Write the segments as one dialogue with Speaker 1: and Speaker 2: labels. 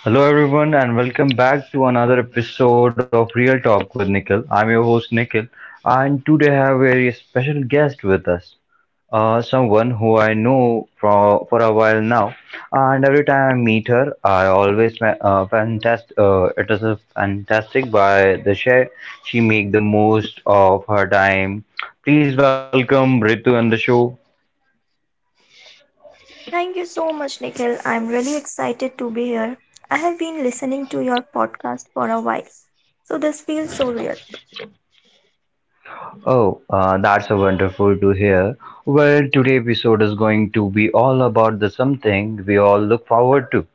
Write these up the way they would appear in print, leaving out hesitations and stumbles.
Speaker 1: Hello, everyone, and welcome back to another episode of Real Talk with Nikhil. I'm your host, Nikhil, and today I have a very special guest with us. Someone who I know for a while now, and every time I meet her, I always fantastic. It is a fantastic by the share she make the most of her time. Please welcome Ritu on the show.
Speaker 2: Thank you so much, Nikhil. I'm really excited to be here. I have been listening to your podcast for a while, so this feels so real.
Speaker 1: Oh, that's a wonderful to hear. Well, today's episode is going to be all about the something we all look forward to.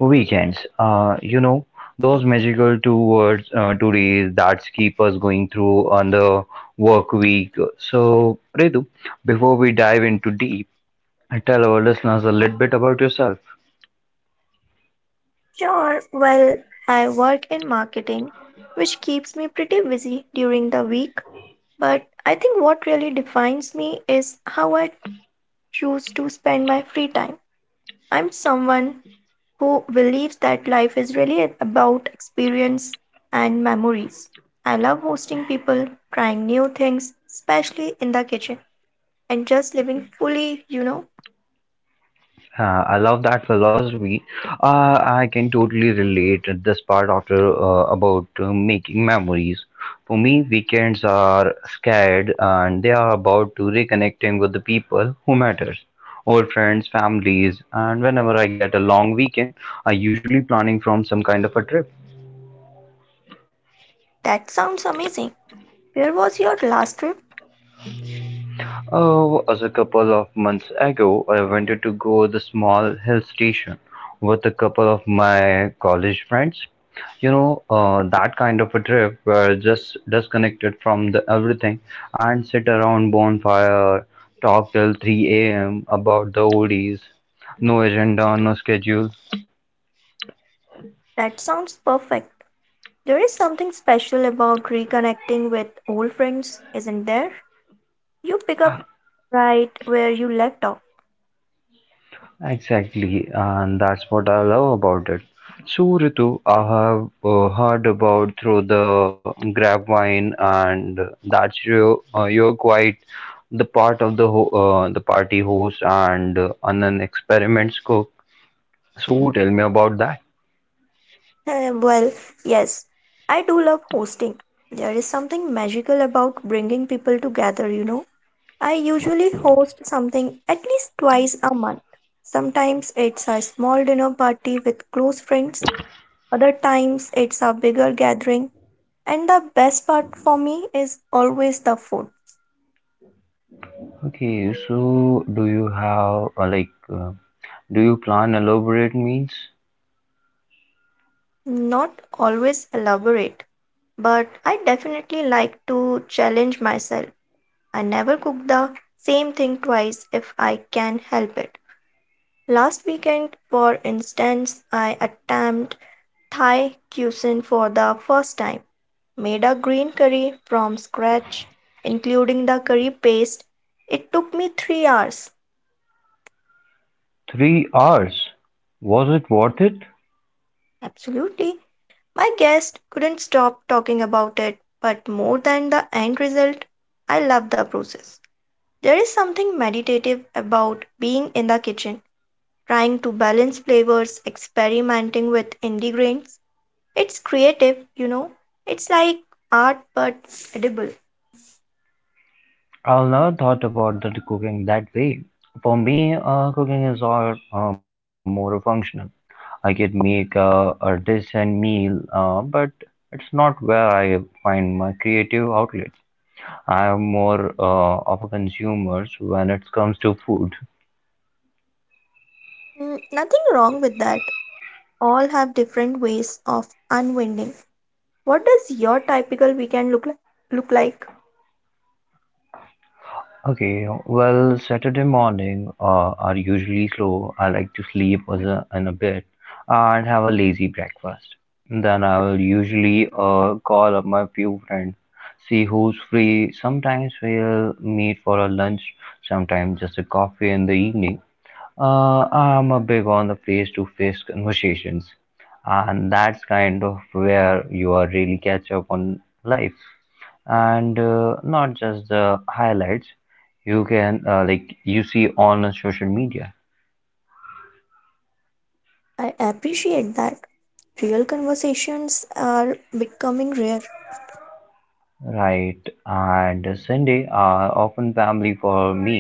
Speaker 1: Weekends. Those magical two words, 2 days that keep us going through on the work week. So, Redu, before we dive into deep, tell our listeners a little bit about yourself.
Speaker 2: Sure, well, I work in marketing, which keeps me pretty busy during the week, but I think what really defines me is how I choose to spend my free time. I'm someone who believes that life is really about experience and memories. I love hosting people, trying new things, especially in the kitchen. And just living fully.
Speaker 1: I love that philosophy. I can totally relate at this part after about making memories. For me, weekends are scared and they are about to reconnecting with the people who matters, old friends, families, and whenever I get a long weekend, I usually planning from some kind of a trip.
Speaker 2: That sounds amazing. Where was your last trip?
Speaker 1: Oh, as a couple of months ago, I wanted to go the small hill station with a couple of my college friends. That kind of a trip where just disconnected from the everything and sit around bonfire, talk till 3 a.m. about the oldies. No agenda, no schedule.
Speaker 2: That sounds perfect. There is something special about reconnecting with old friends, isn't there? You pick up right where you left off.
Speaker 1: Exactly, and that's what I love about it. So, Ritu, I have heard about through the grapevine, and that's you. You're quite the part of the the party host and an experiments cook. So, tell me about that.
Speaker 2: Well, yes, I do love hosting. There is something magical about bringing people together. I usually host something at least twice a month. Sometimes it's a small dinner party with close friends. Other times it's a bigger gathering. And the best part for me is always the food.
Speaker 1: Okay, so do you have do you plan elaborate means?
Speaker 2: Not always elaborate, but I definitely like to challenge myself. I never cook the same thing twice if I can help it. Last weekend, for instance, I attempted Thai cuisine for the first time. Made a green curry from scratch, including the curry paste. It took me 3 hours.
Speaker 1: 3 hours. Was it worth it?
Speaker 2: Absolutely. My guest couldn't stop talking about it, but more than the end result, I love the process. There is something meditative about being in the kitchen, trying to balance flavors, experimenting with ingredients. It's creative. It's like art but edible.
Speaker 1: I've never thought about the cooking that way. For me, cooking is all more functional. I could make a decent meal, but it's not where I find my creative outlets. I am more of a consumer when it comes to food.
Speaker 2: Mm, nothing wrong with that. All have different ways of unwinding. What does your typical weekend look like?
Speaker 1: Okay, well, Saturday morning are usually slow. I like to sleep in a bit and have a lazy breakfast. Then I will usually call up my few friends, see who's free. Sometimes we'll meet for a lunch, sometimes just a coffee in the evening. I'm a big on the face-to-face conversations, and that's kind of where you are really catch up on life and not just the highlights you can like you see on social media.
Speaker 2: I appreciate that real conversations are becoming rare.
Speaker 1: Right. And Sunday are often family for me,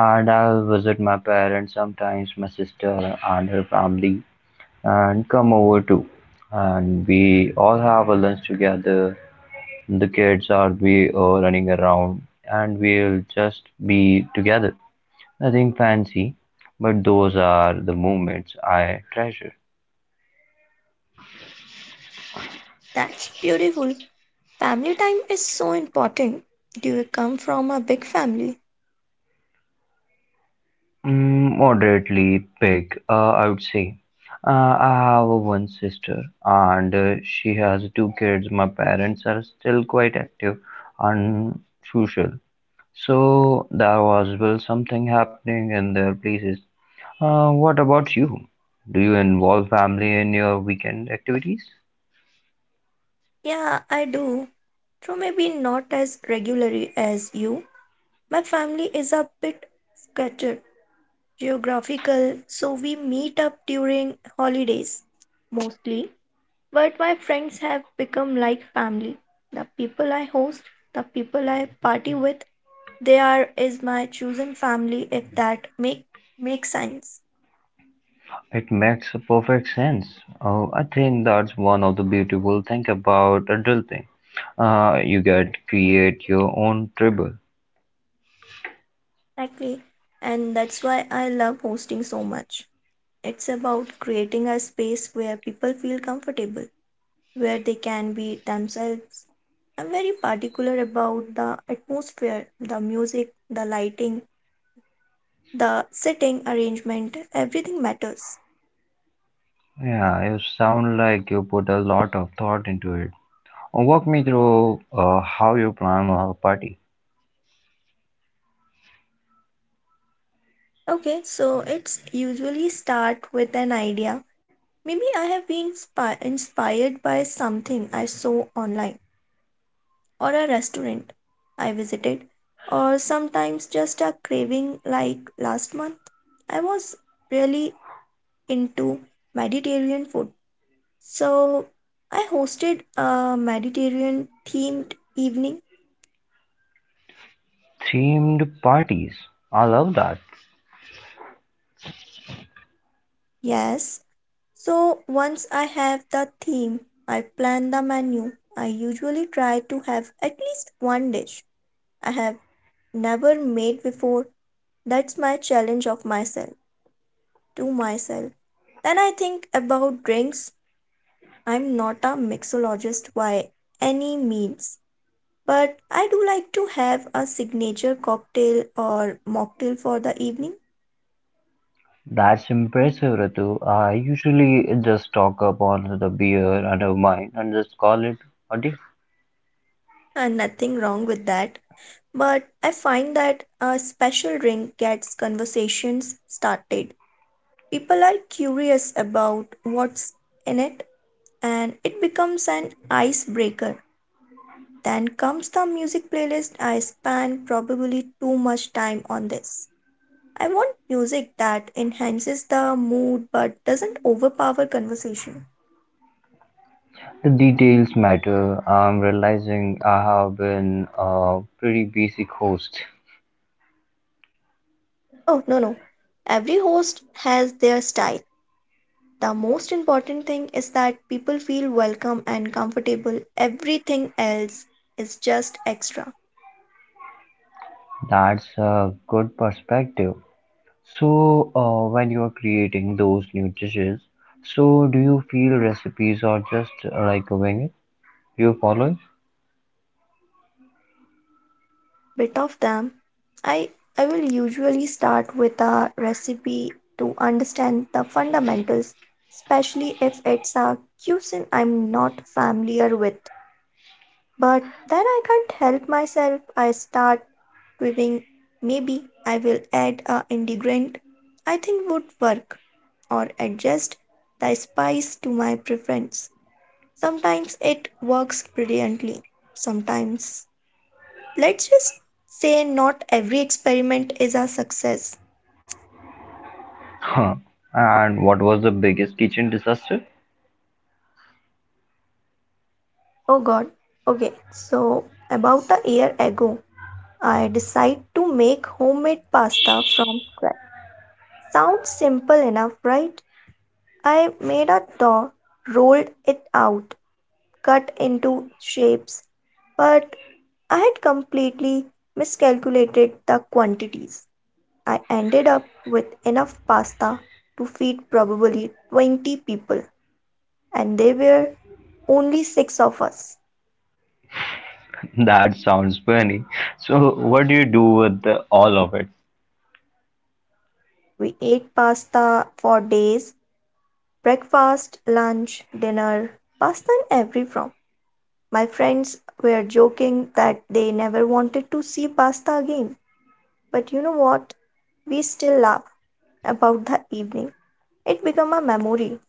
Speaker 1: and I'll visit my parents, sometimes my sister and her family and come over too, and we all have a lunch together. The kids are be running around and we'll just be together, nothing fancy, but those are the moments I treasure.
Speaker 2: That's beautiful. Family time is so important. Do you come from a big family?
Speaker 1: Moderately big, I would say. I have one sister and she has two kids. My parents are still quite active and social. So there was well something happening in their places. What about you? Do you involve family in your weekend activities?
Speaker 2: Yeah, I do. So maybe not as regularly as you. My family is a bit scattered, geographical, so we meet up during holidays mostly. But my friends have become like family. The people I host, the people I party with. There is my chosen family, if that makes sense.
Speaker 1: It makes a perfect sense. I think that's one of the beautiful thing about adulting. You get create your own tribble.
Speaker 2: Exactly. And that's why I love hosting so much. It's about creating a space where people feel comfortable, where they can be themselves. I'm very particular about the atmosphere, the music, the lighting, the setting arrangement, everything matters.
Speaker 1: Yeah, you sound like you put a lot of thought into it. Walk me through how you plan a party.
Speaker 2: Okay, so it's usually start with an idea. Maybe I have been inspired by something I saw online or a restaurant I visited, or sometimes just a craving like last month. I was really into Mediterranean food, so I hosted a Mediterranean themed evening.
Speaker 1: Themed parties. I love that.
Speaker 2: Yes, so once I have the theme, I plan the menu. I usually try to have at least one dish I have never made before. That's my challenge of myself. To myself. Then I think about drinks. I'm not a mixologist by any means, but I do like to have a signature cocktail or mocktail for the evening,
Speaker 1: That's impressive, Ritu. I usually just talk upon the beer and a wine and just call it a day.
Speaker 2: and nothing wrong with that. But I find that a special drink gets conversations started. People are curious about what's in it, and it becomes an icebreaker. Then comes the music playlist. I spend probably too much time on this. I want music that enhances the mood but doesn't overpower conversation.
Speaker 1: The details matter. I'm realizing I have been a pretty basic host.
Speaker 2: Oh, no, no. Every host has their style. The most important thing is that people feel welcome and comfortable. Everything else is just extra.
Speaker 1: That's a good perspective. So, when you're creating those new dishes, so do you feel recipes are just like a it? Do you follow it?
Speaker 2: Bit of them. I I will usually start with a recipe to understand the fundamentals, especially if it's a cuisine I'm not familiar with. But then I can't help myself. I start twibbing. Maybe I will add a ingredient I think would work or adjust the spice to my preference. Sometimes it works brilliantly, sometimes let's just say not every experiment is a success.
Speaker 1: Huh. And what was the biggest kitchen disaster?
Speaker 2: Oh god. Okay, so about a year ago, I decided to make homemade pasta from scratch. Sounds simple enough, right? I made a dough, rolled it out, cut into shapes, but I had completely miscalculated the quantities. I ended up with enough pasta to feed probably 20 people, and they were only six of us.
Speaker 1: That sounds funny. So, what do you do with the, all of it?
Speaker 2: We ate pasta for days, breakfast, lunch, dinner, pasta in every form. My friends were joking that they never wanted to see pasta again. But you know what? We still laugh about the evening. It became a memory.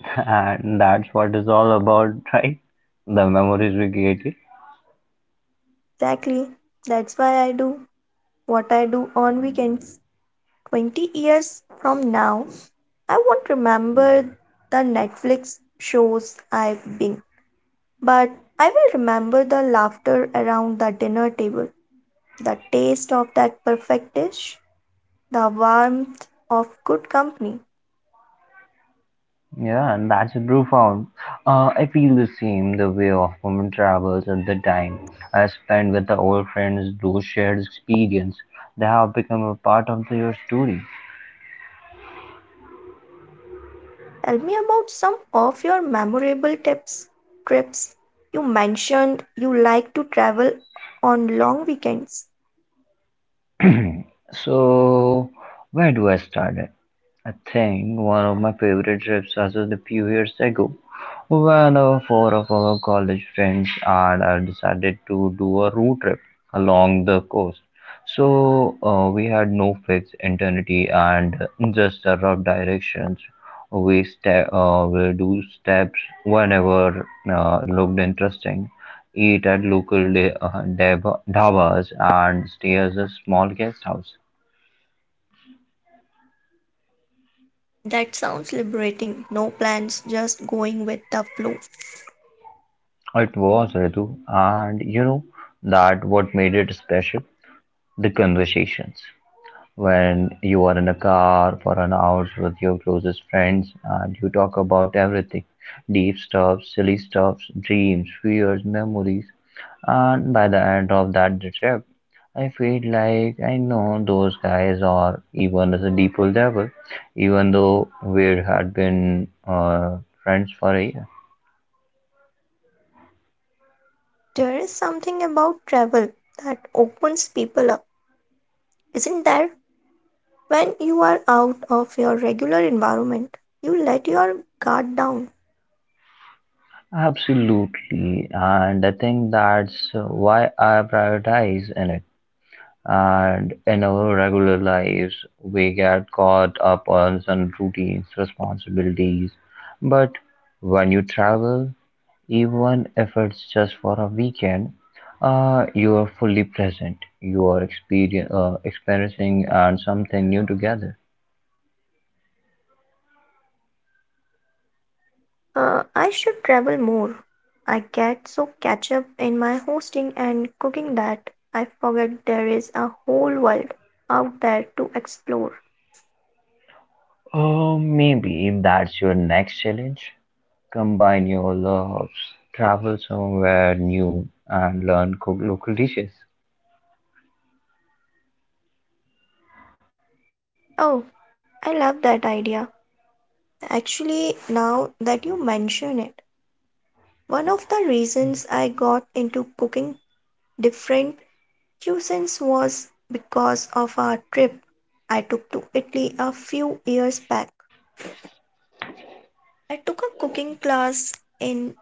Speaker 1: And that's what it's all about, right? The memories we created.
Speaker 2: Exactly. That's why I do what I do on weekends. 20 years from now, I won't remember the Netflix shows I binge. But I will remember the laughter around the dinner table, the taste of that perfect dish, the warmth of good company.
Speaker 1: Yeah, and that's profound. I feel the same the way often travels at the time I spend with the old friends, those shared experience, they have become a part of the, your story.
Speaker 2: Tell me about some of your memorable trips. You mentioned you like to travel on long weekends.
Speaker 1: So, where do I start it? I think one of my favorite trips was just a few years ago when four of our college friends and I decided to do a road trip along the coast. So we had no fixed identity and just a rough directions. We will do steps whenever looked interesting. Eat at local dhabas and stay as a small guest house.
Speaker 2: That sounds liberating. No plans, just going with the flow.
Speaker 1: It was Ritu, and you know that what made it special? The conversations. When you are in a car for an hour with your closest friends and you talk about everything, deep stuff, silly stuff, dreams, fears, memories. And by the end of that trip, I feel like I know those guys or even as a deeper level, even though we had been friends for a year.
Speaker 2: There is something about travel that opens people up, isn't there? When you are out of your regular environment, you let your guard down.
Speaker 1: Absolutely, and I think that's why I prioritize in it, and in our regular lives we get caught up on some routines responsibilities, but when you travel, even if it's just for a weekend, you are fully present, you are experiencing and something new together.
Speaker 2: I should travel more. I get so catch up in my hosting and cooking that I forget there is a whole world out there to explore.
Speaker 1: Maybe that's your next challenge, combine your loves, travel somewhere new and learn cook local dishes.
Speaker 2: Oh, I love that idea. Actually, now that you mention it, one of the reasons I got into cooking different cuisines was because of our trip I took to Italy a few years back. I took a cooking class in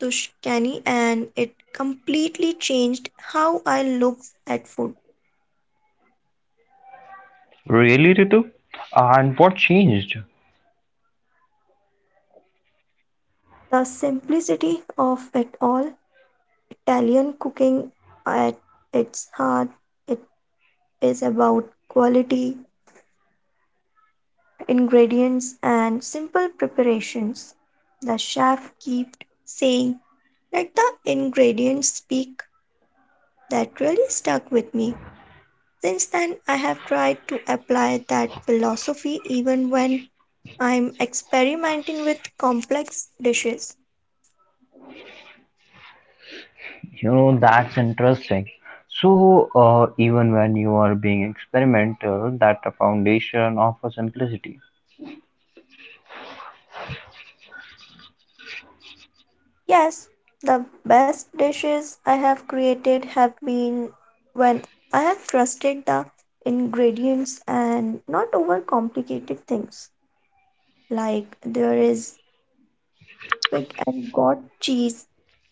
Speaker 2: Tushkani and it completely changed how I looked at food.
Speaker 1: Really, Ritu? And what changed?
Speaker 2: The simplicity of it all, Italian cooking at its heart, it is about quality, ingredients, and simple preparations. The chef kept saying, let the ingredients speak. That really stuck with me. Since then, I have tried to apply that philosophy even when I'm experimenting with complex dishes.
Speaker 1: You know, that's interesting. So, even when you are being experimental, that the foundation of a simplicity.
Speaker 2: Yes, the best dishes I have created have been when I have trusted the ingredients and not overcomplicated things. Like there is quick and got cheese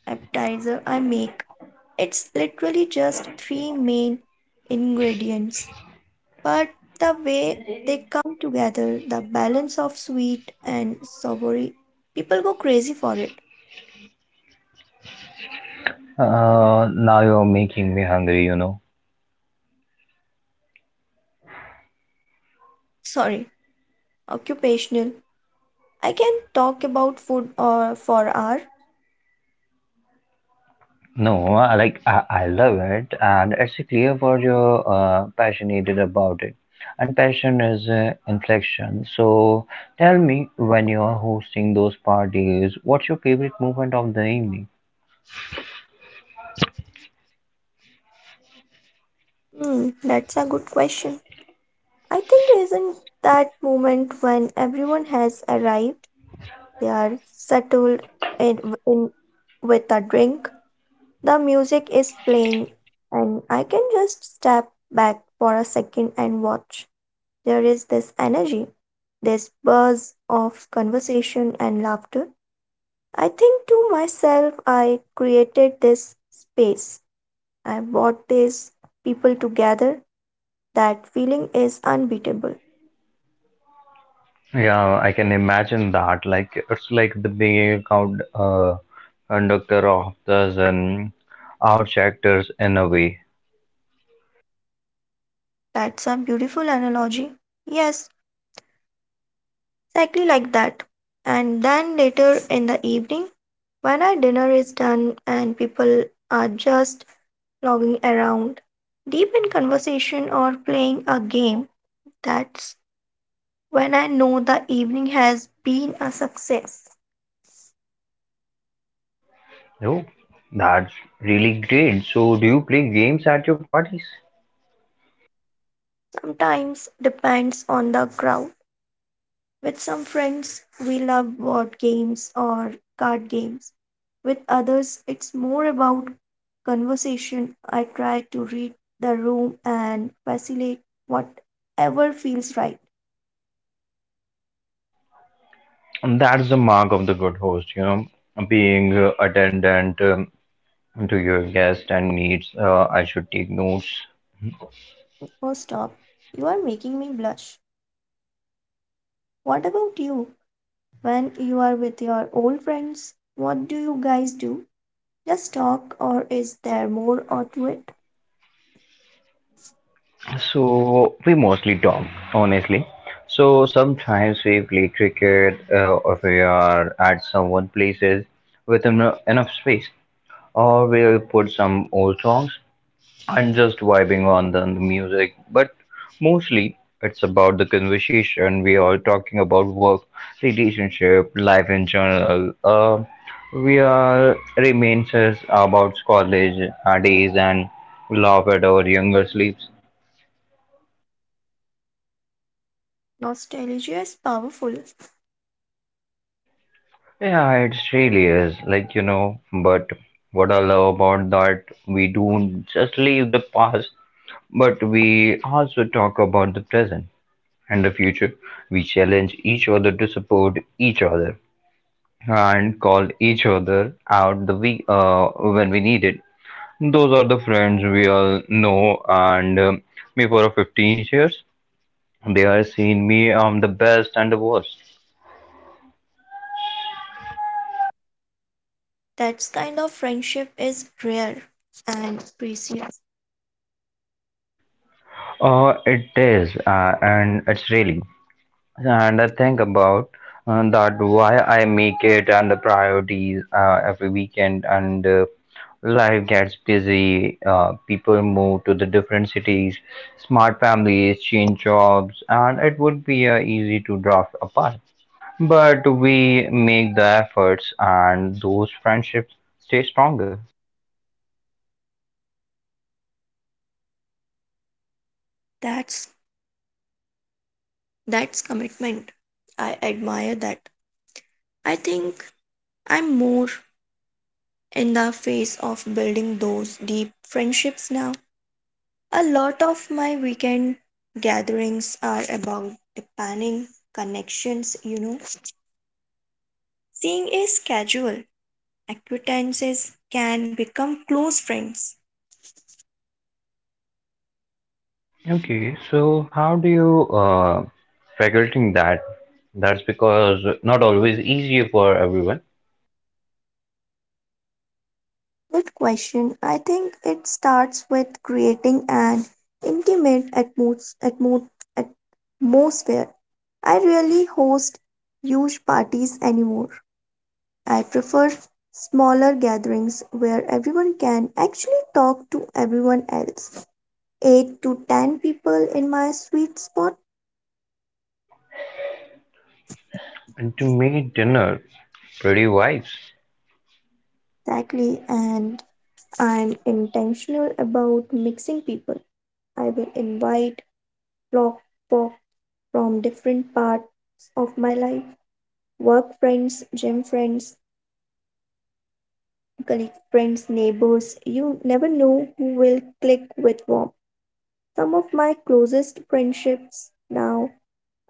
Speaker 2: appetizer I make. It's literally just three main ingredients, but the way they come together, the balance of sweet and savory, people go crazy for it.
Speaker 1: Now you're making me hungry, you know.
Speaker 2: Sorry, occupational. I can talk about food or for hour.
Speaker 1: No, I love it, and it's clear for your passionate about it. And passion is inflection. So, tell me, when you are hosting those parties, what's your favorite moment of the evening?
Speaker 2: Hmm, that's a good question. I think isn't that moment when everyone has arrived, they are settled in, in with a drink. The music is playing, and I can just step back for a second and watch. There is this energy, this buzz of conversation and laughter. I think to myself, I created this space. I brought these people together. That feeling is unbeatable.
Speaker 1: Yeah, I can imagine that. Like it's like the big account conductor of the Zen out actors in a way.
Speaker 2: That's a beautiful analogy. Yes, exactly like that. And then later in the evening, when our dinner is done and people are just logging around, deep in conversation or playing a game, that's when I know the evening has been a success.
Speaker 1: Oh, that's really great. So, do you play games at your parties?
Speaker 2: Sometimes depends on the crowd. With some friends, we love board games or card games. With others, it's more about conversation. I try to read the room and facilitate whatever feels right.
Speaker 1: And that's the mark of the good host, you know, being attendant to your guest and needs. I should take notes.
Speaker 2: Oh, stop. You are making me blush. What about you? When you are with your old friends, what do you guys do? Just talk, or is there more to it?
Speaker 1: So we mostly talk, honestly. So sometimes we play cricket, or we are at someone places with enough space, or we'll put some old songs and just vibing on the music. But mostly it's about the conversation. We are talking about work, relationship, life in general. We are reminiscence about college days and love at our younger sleeps.
Speaker 2: Nostalgia is powerful.
Speaker 1: Yeah, it's really is like you know, but what I love about that we don't just leave the past, but we also talk about the present and the future. We challenge each other to support each other and call each other out the we when we need it. Those are the friends we all know, and me for 15 years, they are seeing me the best and the worst.
Speaker 2: That kind of friendship is rare and precious.
Speaker 1: It is, and it's really. And I think about that why I make it and the priorities every weekend and life gets busy, people move to the different cities, smart families change jobs and it would be easy to drift apart, but we make the efforts and those friendships stay stronger.
Speaker 2: That's that's commitment. I admire that. I think I'm more in the phase of building those deep friendships now. A lot of my weekend gatherings are about deepening connections. Seeing is casual. Acquaintances can become close friends.
Speaker 1: Okay, so how do you figuring that? That's because not always easy for everyone.
Speaker 2: Good question. I think it starts with creating an intimate atmosphere. I rarely host huge parties anymore. I prefer smaller gatherings where everyone can actually talk to everyone else. 8 to 10 people in my sweet spot.
Speaker 1: And to me, dinner, pretty wise.
Speaker 2: Exactly. And I'm intentional about mixing people. I will invite blog from different parts of my life, work friends, gym friends, colleague friends, neighbors. You never know who will click with whom. Some of my closest friendships now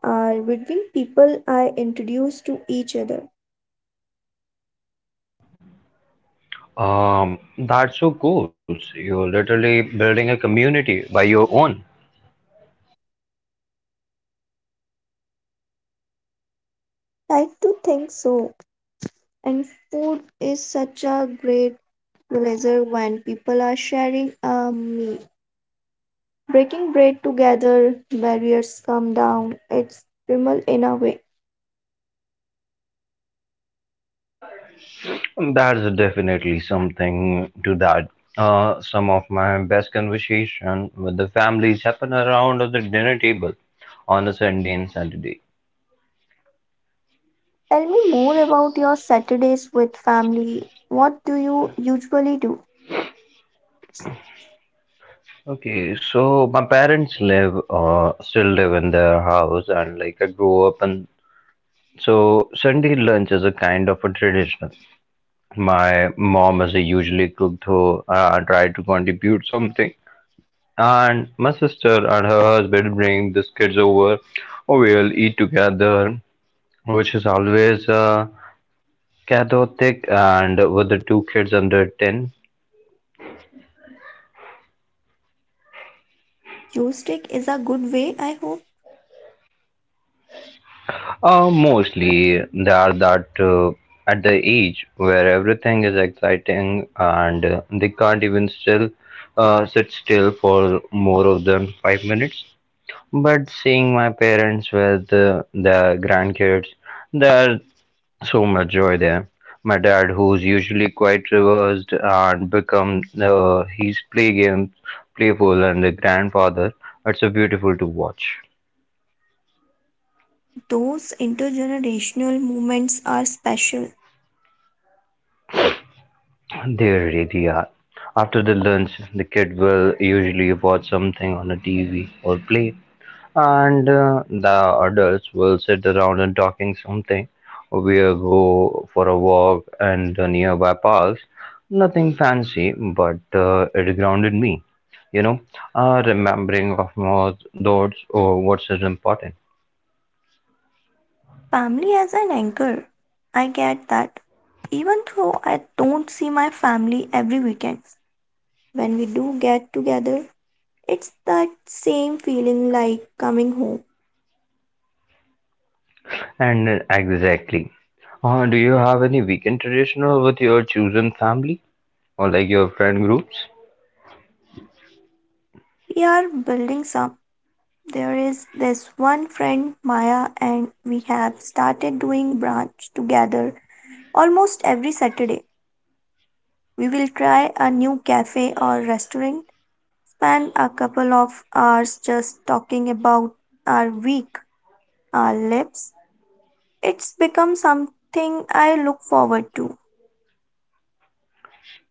Speaker 2: are between people I introduce to each other.
Speaker 1: That's so cool. So you're literally building a community by your own.
Speaker 2: Like to think so. And food is such a great realizer when people are sharing a meal. Breaking bread together, barriers come down. It's primal in a way.
Speaker 1: That's definitely something to that. Some of my best conversation with the families happen around the dinner table on a Sunday and Saturday.
Speaker 2: Tell me more about your Saturdays with family. What do you usually do?
Speaker 1: Okay, so my parents live still live in their house and like I grew up and so Sunday lunch is a kind of a tradition. My mom is a usually cook though I try to contribute something. And my sister and her husband bring the kids over or we'll eat together, which is always chaotic and with the two kids under 10.
Speaker 2: Joystick is a good way, I hope.
Speaker 1: Mostly they are that at the age where everything is exciting and they can't even still sit still for more of than 5 minutes. But seeing my parents with the grandkids, there's so much joy there. My dad, who's usually quite reversed and become he's play games, playful, and the grandfather, it's a beautiful to watch.
Speaker 2: Those intergenerational moments are special.
Speaker 1: They really are. After the lunch, the kid will usually watch something on a TV or play, and the adults will sit around and talking something. We'll go for a walk and the nearby parks. Nothing fancy, but it grounded me. You know, remembering of more thoughts or what's is important.
Speaker 2: Family as an anchor. I get that. Even though I don't see my family every weekend, when we do get together, it's that same feeling like coming home.
Speaker 1: And exactly. Do you have any weekend traditional with your chosen family or like your friend groups?
Speaker 2: We are building some. There is this one friend, Maya, and we have started doing brunch together. Almost every Saturday, we will try a new cafe or restaurant, spend a couple of hours just talking about our week, our lives. It's become something I look forward to.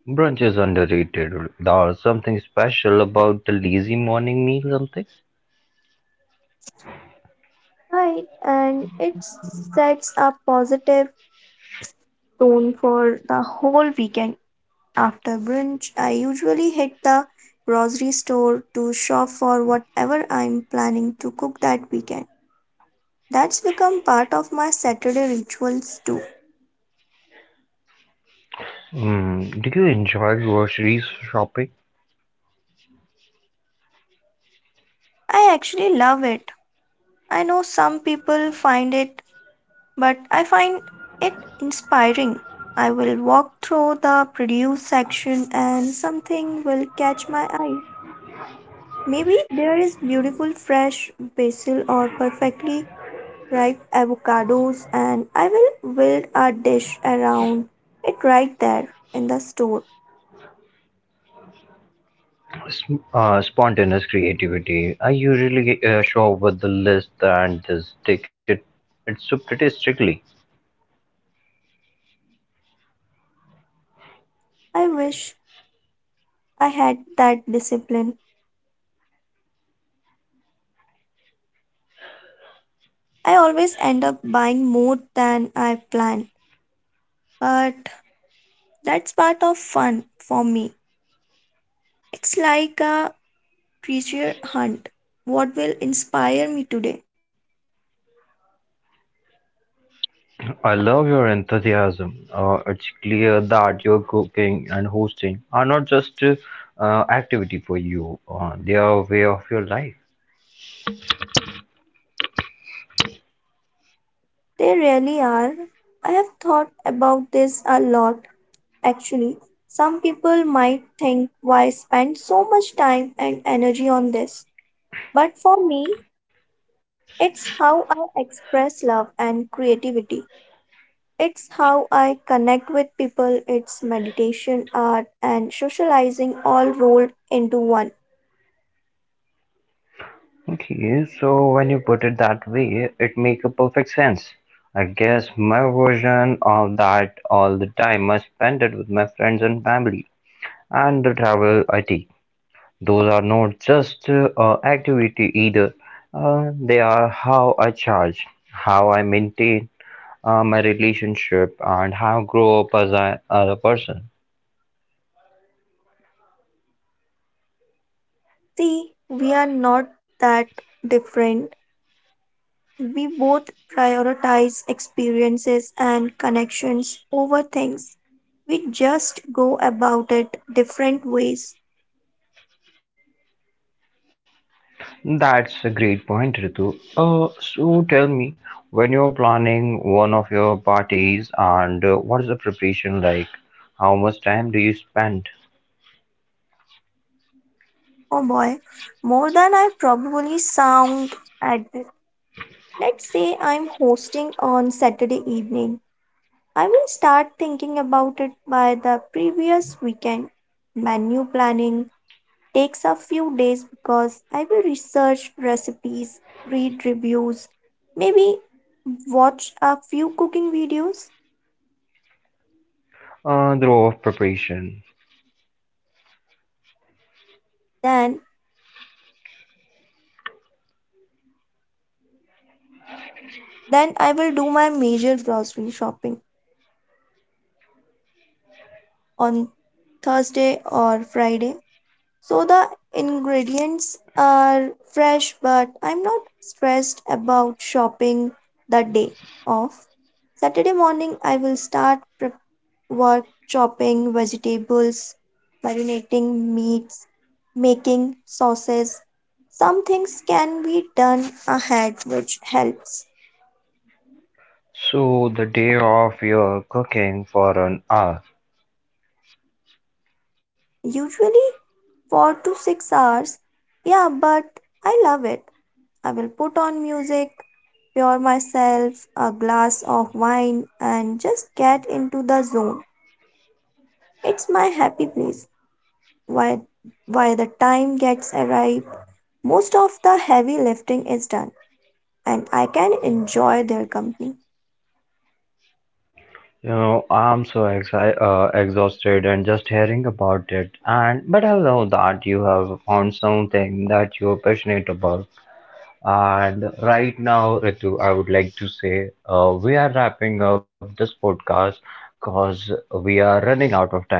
Speaker 1: Brunch is underrated. There something special about the lazy morning meal, something.
Speaker 2: Right, and it sets a positive tone for the whole weekend. After brunch, I usually hit the grocery store to shop for whatever I'm planning to cook that weekend. That's become part of my Saturday rituals too.
Speaker 1: Do you enjoy grocery shopping?
Speaker 2: I actually love it. I know some people find it, but I find it inspiring. I will walk through the produce section and something will catch my eye. Maybe there is beautiful fresh basil or perfectly ripe avocados, and I will build a dish around it right there in the store.
Speaker 1: Spontaneous creativity. I usually show up with the list and this ticket. It's so pretty strictly.
Speaker 2: I wish I had that discipline. I always end up buying more than I plan, but that's part of fun for me. It's like a treasure hunt. What will inspire me today?
Speaker 1: I love your enthusiasm. It's clear that your cooking and hosting are not just activity for you. They are a way of your life.
Speaker 2: They really are. I have thought about this a lot, actually. Some people might think why spend so much time and energy on this. But for me, it's how I express love and creativity. It's how I connect with people. It's meditation, art, and socializing all rolled into one.
Speaker 1: Okay, so when you put it that way, it make a perfect sense. I guess my version of that all the time I spend it with my friends and family and the travel I take. Those are not just activity either. They are how I charge, how I maintain my relationship, and how I grow up as a person.
Speaker 2: See, we are not that different. We both prioritize experiences and connections over things. We just go about it different ways.
Speaker 1: That's a great point, Ritu. So tell me, when you're planning one of your parties and what is the preparation like? How much time do you spend
Speaker 2: Oh boy, more than I probably sound at it. Let's say I'm hosting on Saturday evening. I will start thinking about it by the previous weekend. Menu planning takes a few days, because I will research recipes, read reviews, maybe watch a few cooking videos.
Speaker 1: through preparation?
Speaker 2: Then, then, I will do my major grocery shopping on Thursday or Friday. So the ingredients are fresh, but I'm not stressed about shopping the day off. Saturday morning, I will start prep work, chopping vegetables, marinating meats, making sauces. Some things can be done ahead, which helps.
Speaker 1: So the day of your cooking for an hour.
Speaker 2: Usually, 4 to 6 hours. Yeah, but I love it. I will put on music, pour myself a glass of wine, and just get into the zone. It's my happy place. Why, why, the time gets arrived, most of the heavy lifting is done, and I can enjoy their company.
Speaker 1: You know, I'm so exhausted and just hearing about it. And but I know that you have found something that you're passionate about. And right now, Ritu, I would like to say we are wrapping up this podcast because we are running out of time.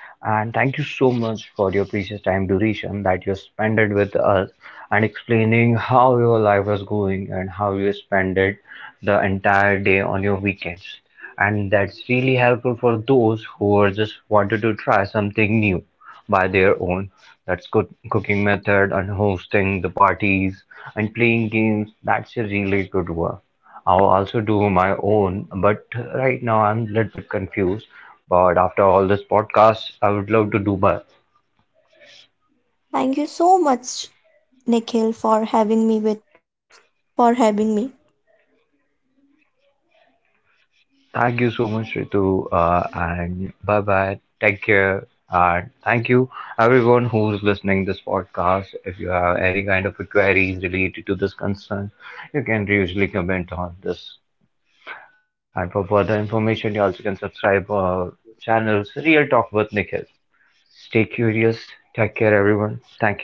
Speaker 1: And thank you so much for your precious time duration that you spent it with us and explaining how your life was going and how you spent it the entire day on your weekends. And that's really helpful for those who are just wanted to try something new by their own, that's good cooking method and hosting the parties and playing games, that's a really good one. I'll also do my own, but right now I'm a little bit confused, but after all this podcast I would love to do my.
Speaker 2: Thank you so much, Nikhil, for having me.
Speaker 1: Thank you so much, Ritu, and bye bye, take care. And thank you everyone who's listening this podcast. If you have any kind of queries related to this concern, you can usually comment on this. And for further information, you also can subscribe our channels, Real Talk with Nikhil. Stay curious. Take care, everyone. Thank you.